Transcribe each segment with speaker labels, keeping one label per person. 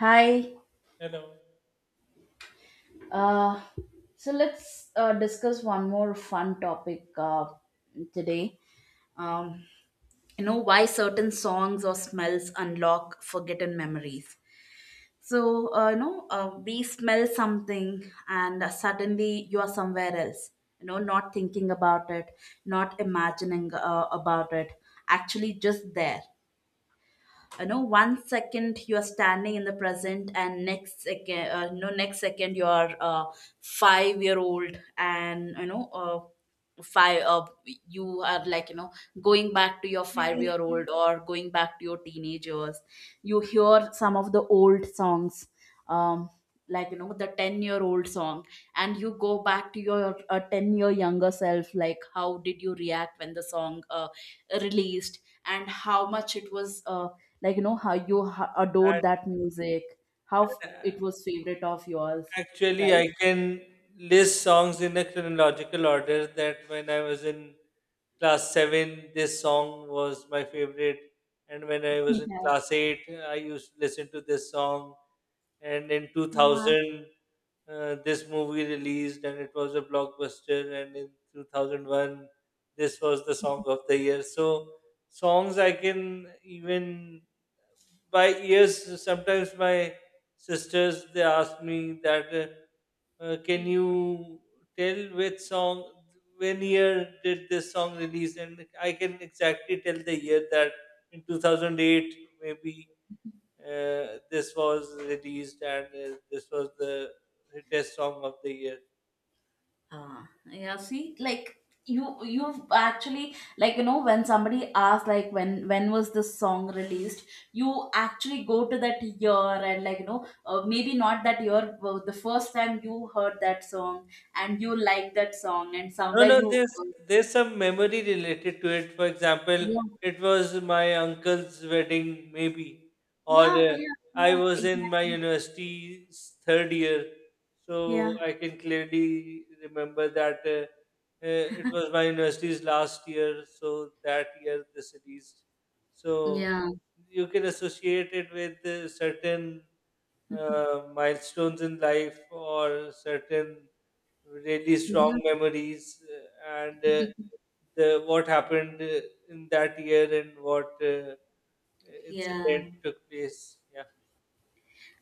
Speaker 1: Hi.
Speaker 2: Hello.
Speaker 1: Uh, so let's discuss one more fun topic today. Um, you know why certain songs or smells unlock forgotten memories. So, we smell something, and suddenly you are somewhere else. Not thinking about it, not imagining about it. Actually, just there. One second you are standing in the present, and next second, next second you are 5-year-old, and you know five you are going back to your 5-year-old, or going back to your teenagers. You hear some of the old songs, um the 10-year-old song, and you go back to your 10-year younger self. Like, how did you react when the song released, and how much it was, how you adored
Speaker 2: And
Speaker 1: that music, it was favorite of yours,
Speaker 2: Actually, I
Speaker 1: right?
Speaker 2: can list songs in a chronological order that when I was in class 7, this song was my favorite. And when I was in
Speaker 1: Yeah.
Speaker 2: class 8, I used to listen to this song. And in
Speaker 1: Yeah.
Speaker 2: 2000, this movie released and it was a blockbuster. And in 2001, this was the song of the year. So, songs I can even by years, sometimes my sisters they ask me that can you tell which song when year did this song release, and I can exactly tell the year that in 2008 maybe, this was released and this was the hittest song of the year.
Speaker 1: Ah, yeah, see, like, you you've actually, when somebody asks, like, when was this song released, you actually go to that year, and maybe not that year but the first time you heard that song, and you like that song, and
Speaker 2: No,
Speaker 1: somewhere
Speaker 2: no,
Speaker 1: you
Speaker 2: there's
Speaker 1: uh,
Speaker 2: there's some memory related to it. For example,
Speaker 1: yeah,
Speaker 2: it was my uncle's wedding, maybe, or
Speaker 1: yeah, yeah,
Speaker 2: I
Speaker 1: yeah,
Speaker 2: was in my
Speaker 1: exactly.
Speaker 2: university's third year, so
Speaker 1: Yeah,
Speaker 2: I can clearly remember that it was my university's last year. So that year this released. So
Speaker 1: yeah,
Speaker 2: you can associate it with certain milestones in life or certain really
Speaker 1: yeah.
Speaker 2: strong memories, and the what happened in that year and what
Speaker 1: Yeah.
Speaker 2: incident took place, yeah.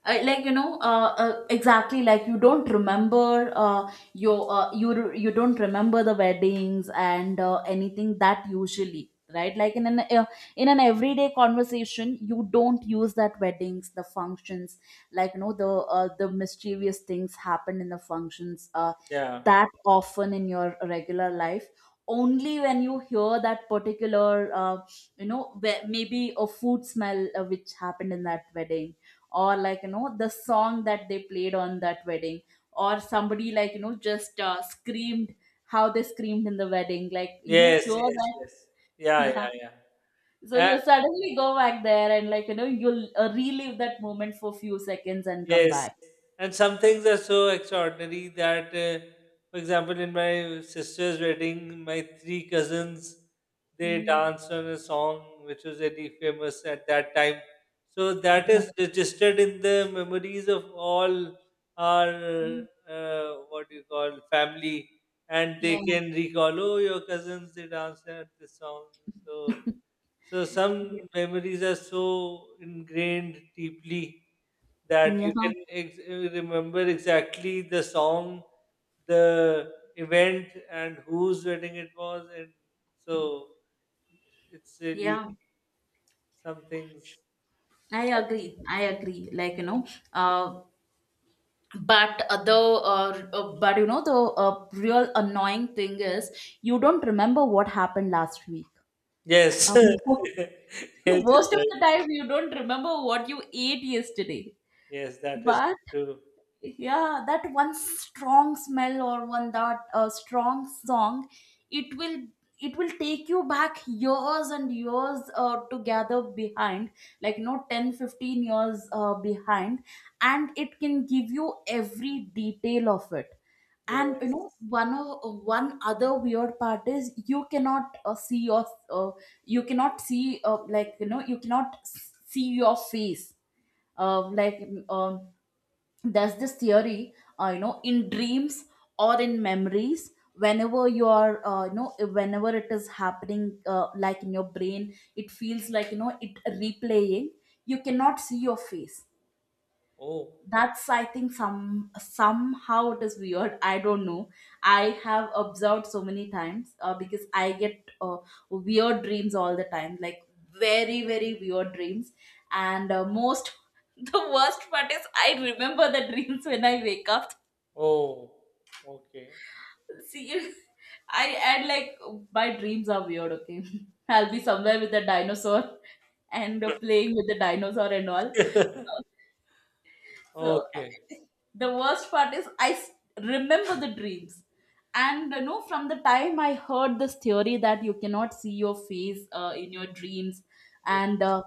Speaker 1: I, exactly, like, you don't remember your you don't remember the weddings and anything that usually, right? Like, in an everyday conversation you don't use that, weddings, the functions, the mischievous things happen in the functions,
Speaker 2: Yeah.
Speaker 1: that often, in your regular life. Only when you hear that particular, where maybe a food smell which happened in that wedding, or the song that they played on that wedding, or somebody just screamed, how they screamed in the wedding. Like, you
Speaker 2: Yes,
Speaker 1: hear
Speaker 2: yes,
Speaker 1: that.
Speaker 2: yes. Yeah,
Speaker 1: Yeah.
Speaker 2: yeah.
Speaker 1: So
Speaker 2: Yeah,
Speaker 1: you suddenly go back there, and you'll relive that moment for few seconds and come
Speaker 2: yes,
Speaker 1: back.
Speaker 2: and some things are so extraordinary that, for example, in my sister's wedding, my three cousins they
Speaker 1: Mm.
Speaker 2: danced on a song which was really famous at that time. So that is registered in the memories of all our,
Speaker 1: Mm.
Speaker 2: what do you call, family, and they
Speaker 1: Yeah,
Speaker 2: can recall. Oh, your cousins they danced at this song. So so some memories are so ingrained deeply that
Speaker 1: yeah,
Speaker 2: you can remember exactly the song, the event, and whose wedding it was, and so it's really
Speaker 1: yeah.
Speaker 2: some things.
Speaker 1: I agree, I agree. Uh but you know, the real annoying thing is, you don't remember what happened last week.
Speaker 2: Yes,
Speaker 1: uh,
Speaker 2: yes, you're
Speaker 1: Most of the
Speaker 2: right.
Speaker 1: time you don't remember what you ate yesterday.
Speaker 2: Yes, that is
Speaker 1: But,
Speaker 2: true.
Speaker 1: yeah, that one strong smell, or one that strong song, it will it will take you back years and years together behind. 10, 15 years behind, and it can give you every detail of it. And
Speaker 2: Yes.
Speaker 1: one other weird part is, you cannot see your you cannot see your face, like, um there's this theory. In dreams or in memories, whenever you are, whenever it is happening, like, in your brain it feels it replaying, you cannot see your face.
Speaker 2: Oh,
Speaker 1: That's, I think, somehow it is weird, I don't know. I have observed so many times, because I get weird dreams all the time, like, very, very weird dreams. And most the worst part is, I remember the dreams when I wake up.
Speaker 2: oh, okay,
Speaker 1: See, I add, like, my dreams are weird, okay? I'll be somewhere with a dinosaur, and playing with the dinosaur and all. So,
Speaker 2: okay.
Speaker 1: the worst part is, I remember the dreams. And from the time I heard this theory that you cannot see your face in your dreams and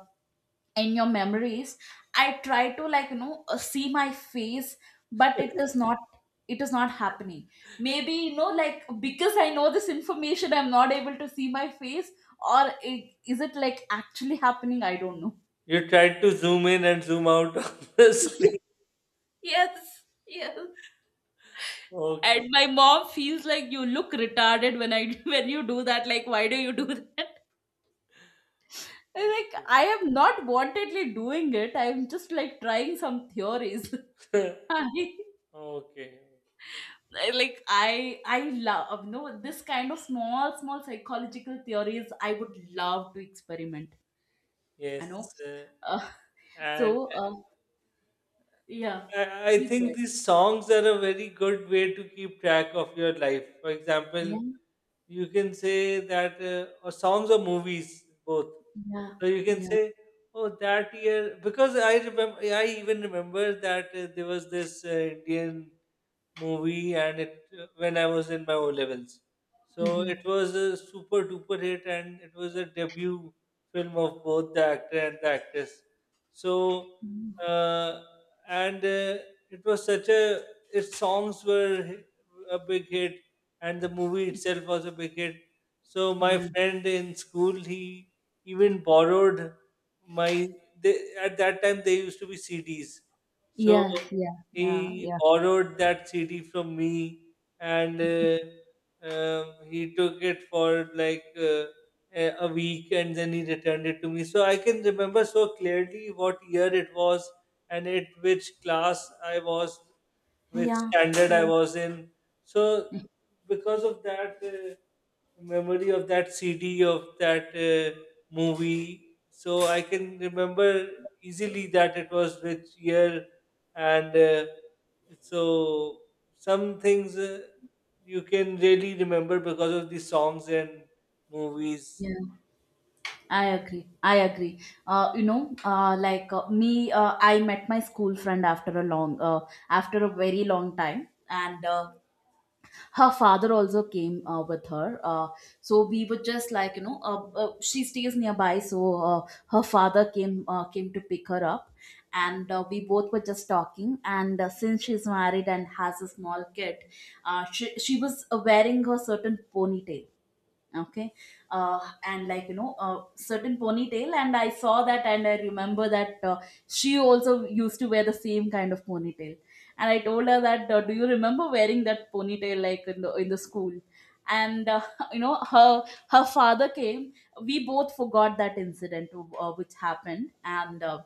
Speaker 1: in your memories, I try to, see my face, but it is not happening. Maybe, like, because I know this information, I'm not able to see my face, or, is it like actually happening? I don't know.
Speaker 2: You tried to zoom in and zoom out on the screen.
Speaker 1: Yes, yes.
Speaker 2: Okay.
Speaker 1: And my mom feels like you look retarded when I when you do that. Like, why do you do that? I'm like, I am not wantedly doing it. I'm just like trying some theories.
Speaker 2: Okay.
Speaker 1: I,
Speaker 2: Okay.
Speaker 1: like, I love, no, this kind of small, small psychological theories. I would love to experiment. I know.
Speaker 2: Yes. uh,
Speaker 1: Uh,
Speaker 2: And
Speaker 1: so uh, yeah.
Speaker 2: I I
Speaker 1: Please
Speaker 2: think
Speaker 1: go ahead.
Speaker 2: these songs are a very good way to keep track of your life. For example,
Speaker 1: Yeah,
Speaker 2: you can say that, or songs or movies, both.
Speaker 1: yeah,
Speaker 2: So you can
Speaker 1: yeah.
Speaker 2: say, oh, that year, because I remember, I even remember that there was this Indian movie, and it when I was in my O levels. So it
Speaker 1: Mhm.
Speaker 2: was a super duper hit, and it was a debut film of both the actor and the actress. So.
Speaker 1: Mhm.
Speaker 2: Uh, and It was such a its songs were a big hit, and the movie itself was a big hit, so my
Speaker 1: Yeah,
Speaker 2: friend in school he even borrowed my, they, at that time they used to be CDs, so
Speaker 1: yeah,
Speaker 2: he
Speaker 1: yeah, yeah,
Speaker 2: borrowed that CD from me, and he took it for like a week, and then he returned it to me, so I can remember so clearly what year it was, and it which class I was, which
Speaker 1: yeah,
Speaker 2: standard I
Speaker 1: yeah, yeah.
Speaker 2: was in. So because of that memory of that CD of that movie, so I can remember easily that it was which year, and so some things you can really remember because of the songs and movies.
Speaker 1: Yeah. I agree. I agree. I met my school friend after a very long time, and her father also came with her. So we were just like, you know, she stays nearby, so her father came to pick her up, and we both were just talking. And since she's married and has a small kid, she was wearing her certain ponytail. Okay. And, a certain ponytail, and I saw that, and I remember that she also used to wear the same kind of ponytail. And I told her that, do you remember wearing that ponytail, like, in the school? And you know her her father came, we both forgot that incident which happened. And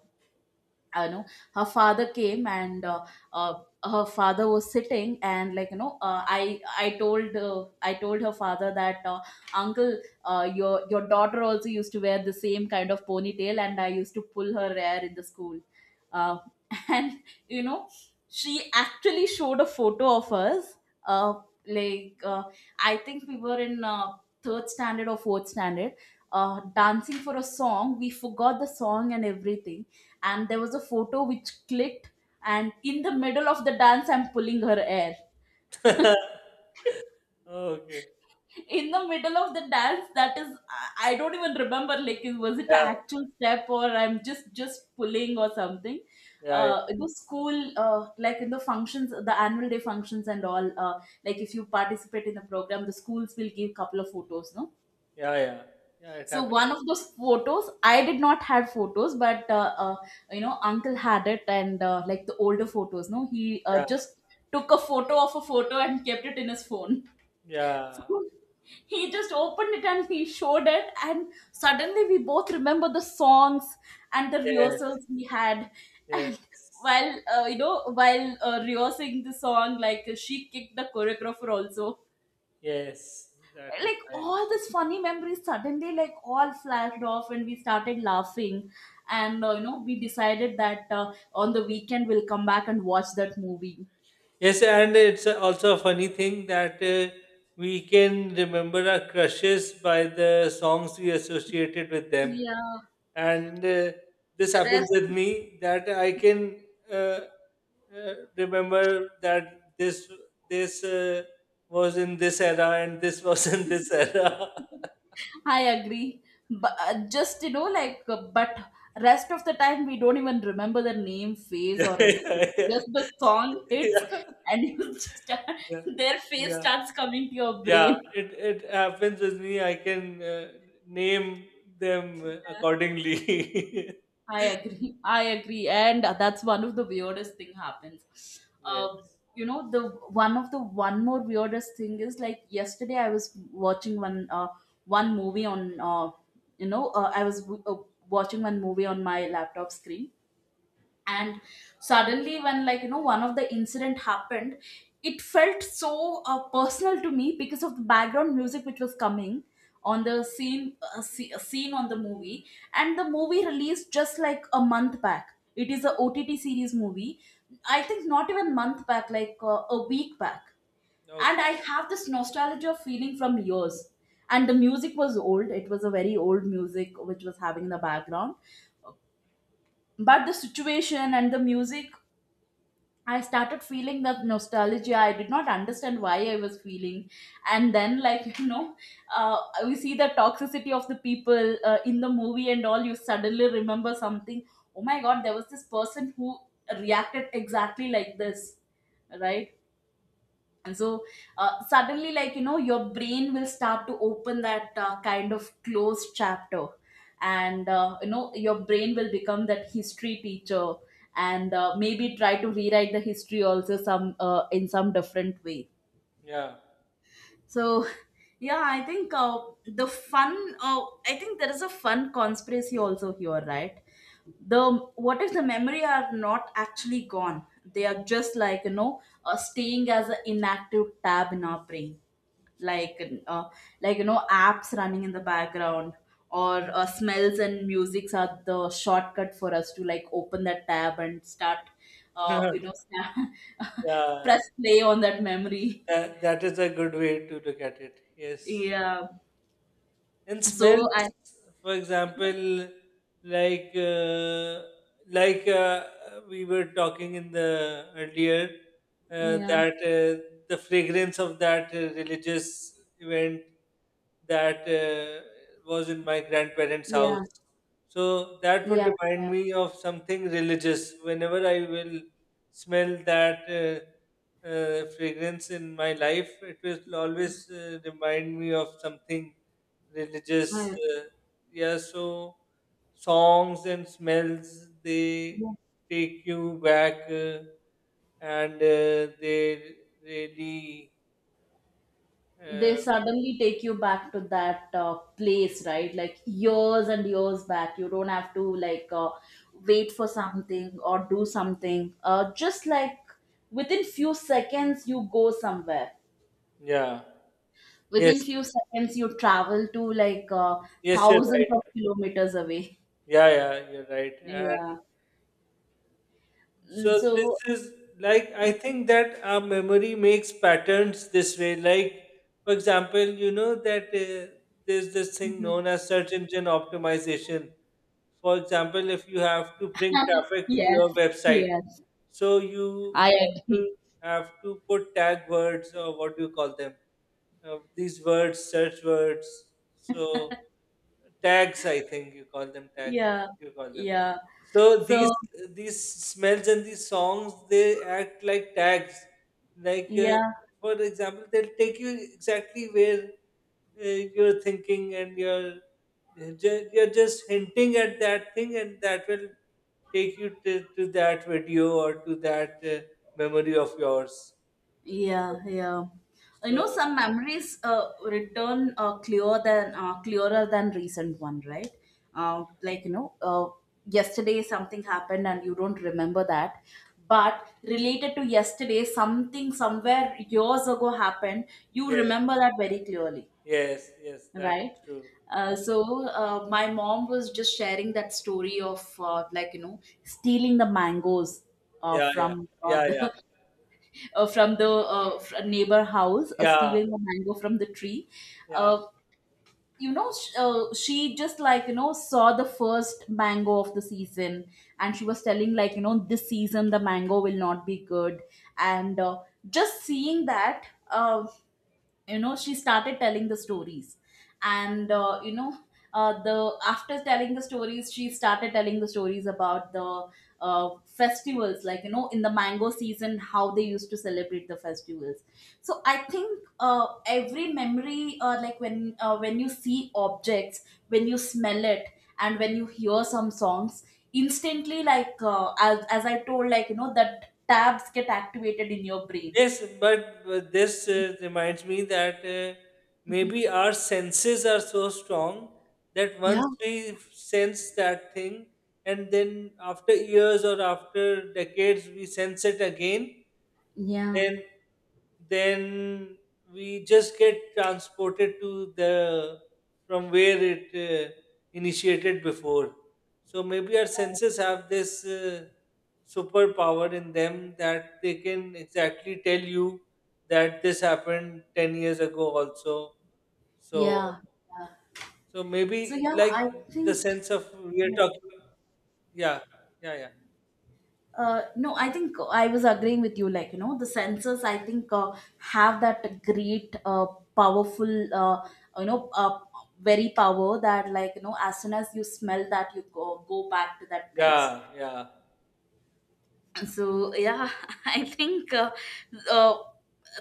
Speaker 1: uh, you know her father came, and uh, her father was sitting. And I told, I told her father that, uncle, your daughter also used to wear the same kind of ponytail, and I used to pull her hair in the school. uh, and you know she actually showed a photo of us, uh, like, I think we were in third standard or fourth standard, dancing for a song. We forgot the song and everything, and there was a photo which clicked, and in the middle of the dance I'm pulling her hair.
Speaker 2: Okay.
Speaker 1: In the middle of the dance, that is, I don't even remember, like, was it an
Speaker 2: Yeah.
Speaker 1: actual step, or I'm just pulling or something?
Speaker 2: Yeah. Yeah.
Speaker 1: It was school, like, in the functions, the annual day functions and all, like, if you participate in the program, the schools will give couple of photos, no?
Speaker 2: Yeah. Yeah. Yeah. It
Speaker 1: So,
Speaker 2: happened.
Speaker 1: one of those photos, I did not have photos, but you know, uncle had it, and like the older photos, no, he
Speaker 2: Yeah.
Speaker 1: just took a photo of a photo and kept it in his phone. So
Speaker 2: Yeah.
Speaker 1: he just opened it and he showed it, and suddenly we both remember the songs and the
Speaker 2: Yes.
Speaker 1: rehearsals we had, and
Speaker 2: Yes.
Speaker 1: while rehearsing the song, like, she kicked the choreographer also.
Speaker 2: Yes. That is
Speaker 1: Like,
Speaker 2: right.
Speaker 1: all these funny memories suddenly, like, all flashed off, and we started laughing. And we decided that on the weekend we'll come back and watch that movie.
Speaker 2: Yes, and it's also a funny thing that we can remember our crushes by the songs we associated with them.
Speaker 1: Yeah.
Speaker 2: And this happens
Speaker 1: Rest,
Speaker 2: with me that I can uh, uh, remember that this was in this era and this was in this era.
Speaker 1: I agree, but just you know like but rest of the time we don't even remember the name, face,
Speaker 2: Yeah,
Speaker 1: or anything.
Speaker 2: yeah,
Speaker 1: Just the song hits,
Speaker 2: yeah,
Speaker 1: and you just start,
Speaker 2: yeah,
Speaker 1: their face
Speaker 2: yeah.
Speaker 1: starts coming to your
Speaker 2: Yeah,
Speaker 1: brain.
Speaker 2: it happens with me. I can name them accordingly.
Speaker 1: I agree. I agree, and that's one of the weirdest thing happens.
Speaker 2: Yes.
Speaker 1: The one of the one more weirdest thing is, like, yesterday I was watching one one movie on, I was watching one movie on my laptop screen, and suddenly when, one of the incident happened, it felt so personal to me because of the background music which was coming on the scene, scene on the movie. And the movie released just like a month back. It is a OTT series movie. I think not even month back, like, a week back. And
Speaker 2: Okay.
Speaker 1: I have this nostalgia feeling from years, and the music was old. It was a very old music which was having in the background. But the situation and the music, I started feeling that nostalgia. I did not understand why I was feeling. And then, like, uh, we see the toxicity of the people in the movie and all. You suddenly remember something. Oh my God, there was this person who reacted exactly like this, right? And so, suddenly, like your brain will start to open that kind of closed chapter. And your brain will become that history teacher. And maybe try to rewrite the history also some in some different way.
Speaker 2: Yeah.
Speaker 1: So, yeah, I think the fun uh, I think there is a fun conspiracy also here, right? the What if the memory are not actually gone? They are just like staying as an inactive tab in our brain, like, uh, like apps running in the background. Or smells and musics are the shortcut for us to like open that tab and start uh, you know sta-
Speaker 2: Yeah.
Speaker 1: press play on that memory.
Speaker 2: That, that is a good way to look at it. Yes.
Speaker 1: Yeah.
Speaker 2: And
Speaker 1: so I
Speaker 2: smells, for example, like uh, like uh, we were talking in the earlier
Speaker 1: Yeah,
Speaker 2: that the fragrance of that religious event that was in my grandparents' house.
Speaker 1: yeah,
Speaker 2: So that would
Speaker 1: yeah,
Speaker 2: remind
Speaker 1: yeah, yeah.
Speaker 2: me of something religious. Whenever I will smell that fragrance in my life, it will always remind me of something religious,
Speaker 1: I
Speaker 2: uh, yeah so songs and smells they take you back, and they really
Speaker 1: They
Speaker 2: uh,
Speaker 1: suddenly take you back to that place, right? Like, years and years back, you don't have to like wait for something or do something, just like within few seconds you go somewhere.
Speaker 2: yeah. Yes,
Speaker 1: Within few seconds you travel to like
Speaker 2: yes, you're
Speaker 1: thousands
Speaker 2: right.
Speaker 1: of kilometers away.
Speaker 2: Yeah, yeah, you're right. and
Speaker 1: Yeah. Mm,
Speaker 2: So this
Speaker 1: so.
Speaker 2: is, like, I think that our memory makes patterns this way. Like, for example, you know that there's this thing
Speaker 1: Mhm.
Speaker 2: known as search engine optimization. For example, if you have to bring traffic to your
Speaker 1: Yes,
Speaker 2: website,
Speaker 1: yes,
Speaker 2: so you
Speaker 1: I
Speaker 2: have to
Speaker 1: agree.
Speaker 2: put tag words, or what do you call them? These words, search words. So tags, I think you call them tags.
Speaker 1: Yeah,
Speaker 2: You call them.
Speaker 1: yeah.
Speaker 2: So
Speaker 1: So
Speaker 2: these smells and these songs they act like tags. Like,
Speaker 1: yeah.
Speaker 2: for example, they'll take you exactly where uh, you're thinking, and you're just hinting at that thing, and that will take you to that video or to that memory of yours.
Speaker 1: Yeah, yeah. You know,
Speaker 2: So
Speaker 1: some memories return clearer than recent one, right? Like yesterday something happened and you don't remember that, but related to yesterday, something somewhere years ago happened. You
Speaker 2: yes,
Speaker 1: remember that very clearly,
Speaker 2: yes, yes, that's
Speaker 1: right?
Speaker 2: true.
Speaker 1: My mom was just sharing that story of like stealing the mangoes
Speaker 2: Yeah, yeah,
Speaker 1: from
Speaker 2: yeah, yeah,
Speaker 1: the from the neighbor house,
Speaker 2: yeah,
Speaker 1: stealing a mango from the tree.
Speaker 2: yeah.
Speaker 1: Uh, she just like, saw the first mango of the season. And she was telling, like, this season the mango will not be good. And just seeing that, she started telling the stories. And you know the after telling the stories she started telling the stories about the festivals, like in the mango season how they used to celebrate the festivals. So I think every memory, like when you see objects, when you smell it and when you hear some songs, instantly, like, as I told, like, that tabs get activated in your brain.
Speaker 2: Yes, but this reminds me that
Speaker 1: Mhm.
Speaker 2: maybe our senses are so strong that once
Speaker 1: Yeah,
Speaker 2: we sense that thing, and then after years or after decades, we sense it again,
Speaker 1: yeah.
Speaker 2: then then we just get transported to the from where it initiated before, so maybe our senses have this superpower in them that they can exactly tell you that this happened 10 years ago also. So
Speaker 1: Yeah. Yeah.
Speaker 2: so
Speaker 1: So
Speaker 2: maybe
Speaker 1: yeah,
Speaker 2: like
Speaker 1: I
Speaker 2: the
Speaker 1: think.
Speaker 2: sense of we are
Speaker 1: Yeah,
Speaker 2: talking, yeah, yeah, yeah,
Speaker 1: no, I think I was agreeing with you, like, the senses, I think have that great, powerful, you know uh very power that, like, as soon as you smell that you go back to that place.
Speaker 2: yeah, yeah,
Speaker 1: So yeah, I think uh,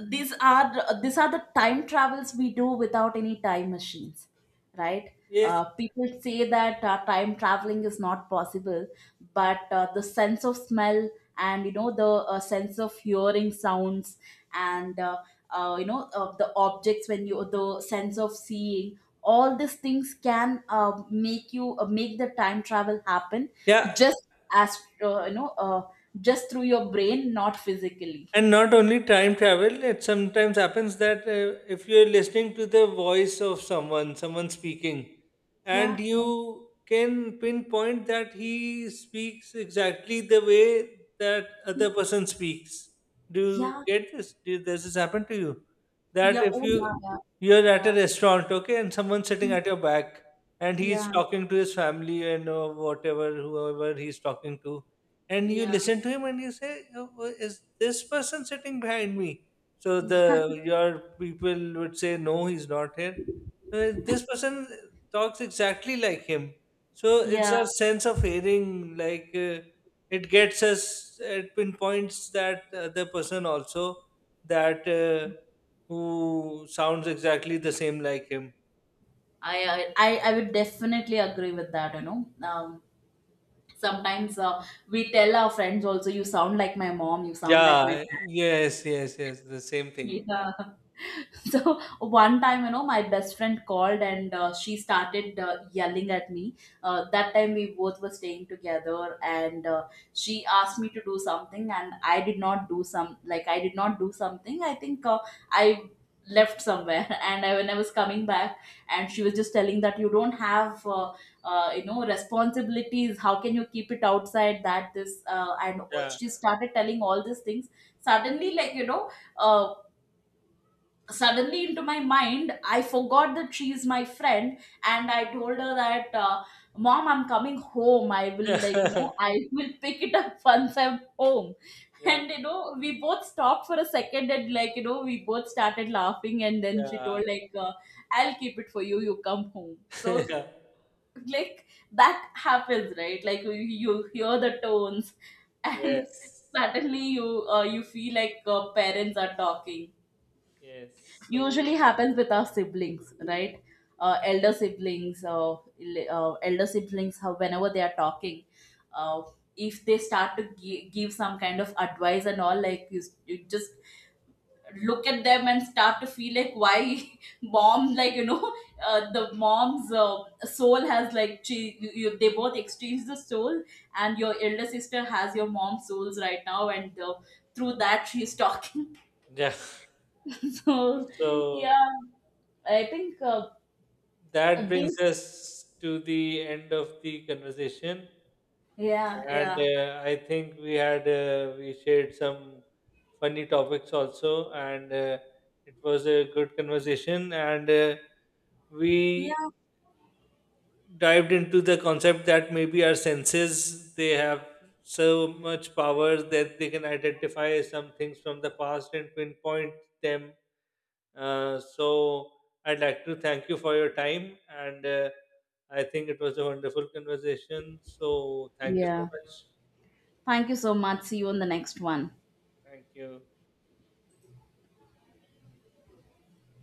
Speaker 1: these are the time travels we do without any time machines, right?
Speaker 2: yes,
Speaker 1: People say that time traveling is not possible, but the sense of smell and the sense of hearing sounds, and the objects, when you, the sense of seeing, all these things can make you make the time travel happen,
Speaker 2: yeah.
Speaker 1: just as uh, you know uh, just through your brain, not physically.
Speaker 2: And not only time travel, it sometimes happens that if you're listening to the voice of someone, someone speaking, and
Speaker 1: Yeah, yeah,
Speaker 2: you can pinpoint that he speaks exactly the way that other person speaks. Do you
Speaker 1: yeah,
Speaker 2: get this? Do, does this happen to you? That
Speaker 1: yeah.
Speaker 2: if
Speaker 1: Oh,
Speaker 2: you
Speaker 1: yeah, yeah.
Speaker 2: you're at
Speaker 1: Yeah.
Speaker 2: a restaurant, okay, and someone's sitting
Speaker 1: Mm.
Speaker 2: at your back, and he's
Speaker 1: Yeah,
Speaker 2: talking to his family and, whatever, whoever he's talking to, and you
Speaker 1: yeah,
Speaker 2: listen to him and you say, "Oh, is this person sitting behind me?" So
Speaker 1: yeah.
Speaker 2: the your people would say no he's not here. So this person talks exactly like him. So it's our
Speaker 1: Yeah.
Speaker 2: sense of hearing, like, it gets us, it pinpoints that other person also, that who sounds exactly the same like him.
Speaker 1: I I would definitely agree with that. You know, sometimes we tell our friends also, "You sound like my mom. You sound like my
Speaker 2: Yeah,
Speaker 1: dad."
Speaker 2: yes, yes, yes, the same thing.
Speaker 1: Yeah. So one time, my best friend called, and she started yelling at me. That time we both were staying together, and she asked me to do something and I did not do something. I think I left somewhere and, I, when I was coming back, and she was just telling that, you don't have responsibilities, how can you keep it outside, that this and all,
Speaker 2: Yeah,
Speaker 1: she started telling all these things. Suddenly, like, uh, suddenly into my mind I forgot that she is my friend, and I told her that mom, I'm coming home, I will, like,
Speaker 2: yeah.
Speaker 1: I will pick it up once I'm home.
Speaker 2: Yeah.
Speaker 1: And, we both stopped for a second, and, like, we both started laughing. And then she
Speaker 2: Yeah,
Speaker 1: told, like, I'll keep it for you, you come home. So,
Speaker 2: yeah.
Speaker 1: like, that happens, right? Like, you hear the tones and
Speaker 2: Yes.
Speaker 1: suddenly you feel like parents are talking.
Speaker 2: Yes. So,
Speaker 1: Usually happens with our siblings, right? Elder siblings, elder siblings, how, whenever they are talking, uh, if they start to give some kind of advice and all, like, you, you just look at them and start to feel like, why mom, like, the mom's soul has, like, they both exchange the soul and your elder sister has your mom's souls right now, and through that she's talking.
Speaker 2: yeah.
Speaker 1: So
Speaker 2: So
Speaker 1: yeah, I think
Speaker 2: that brings
Speaker 1: This,
Speaker 2: us to the end of the conversation.
Speaker 1: yeah,
Speaker 2: And
Speaker 1: yeah,
Speaker 2: I think we had, we shared some funny topics also, and it was a good conversation. And we
Speaker 1: yeah,
Speaker 2: dived into the concept that maybe our senses they have so much power that they can identify some things from the past and pinpoint them. So I'd like to thank you for your time, and I think it was a wonderful conversation. So thank you so
Speaker 1: yeah.
Speaker 2: much.
Speaker 1: Thank you so much. See you on the next one.
Speaker 2: Thank you.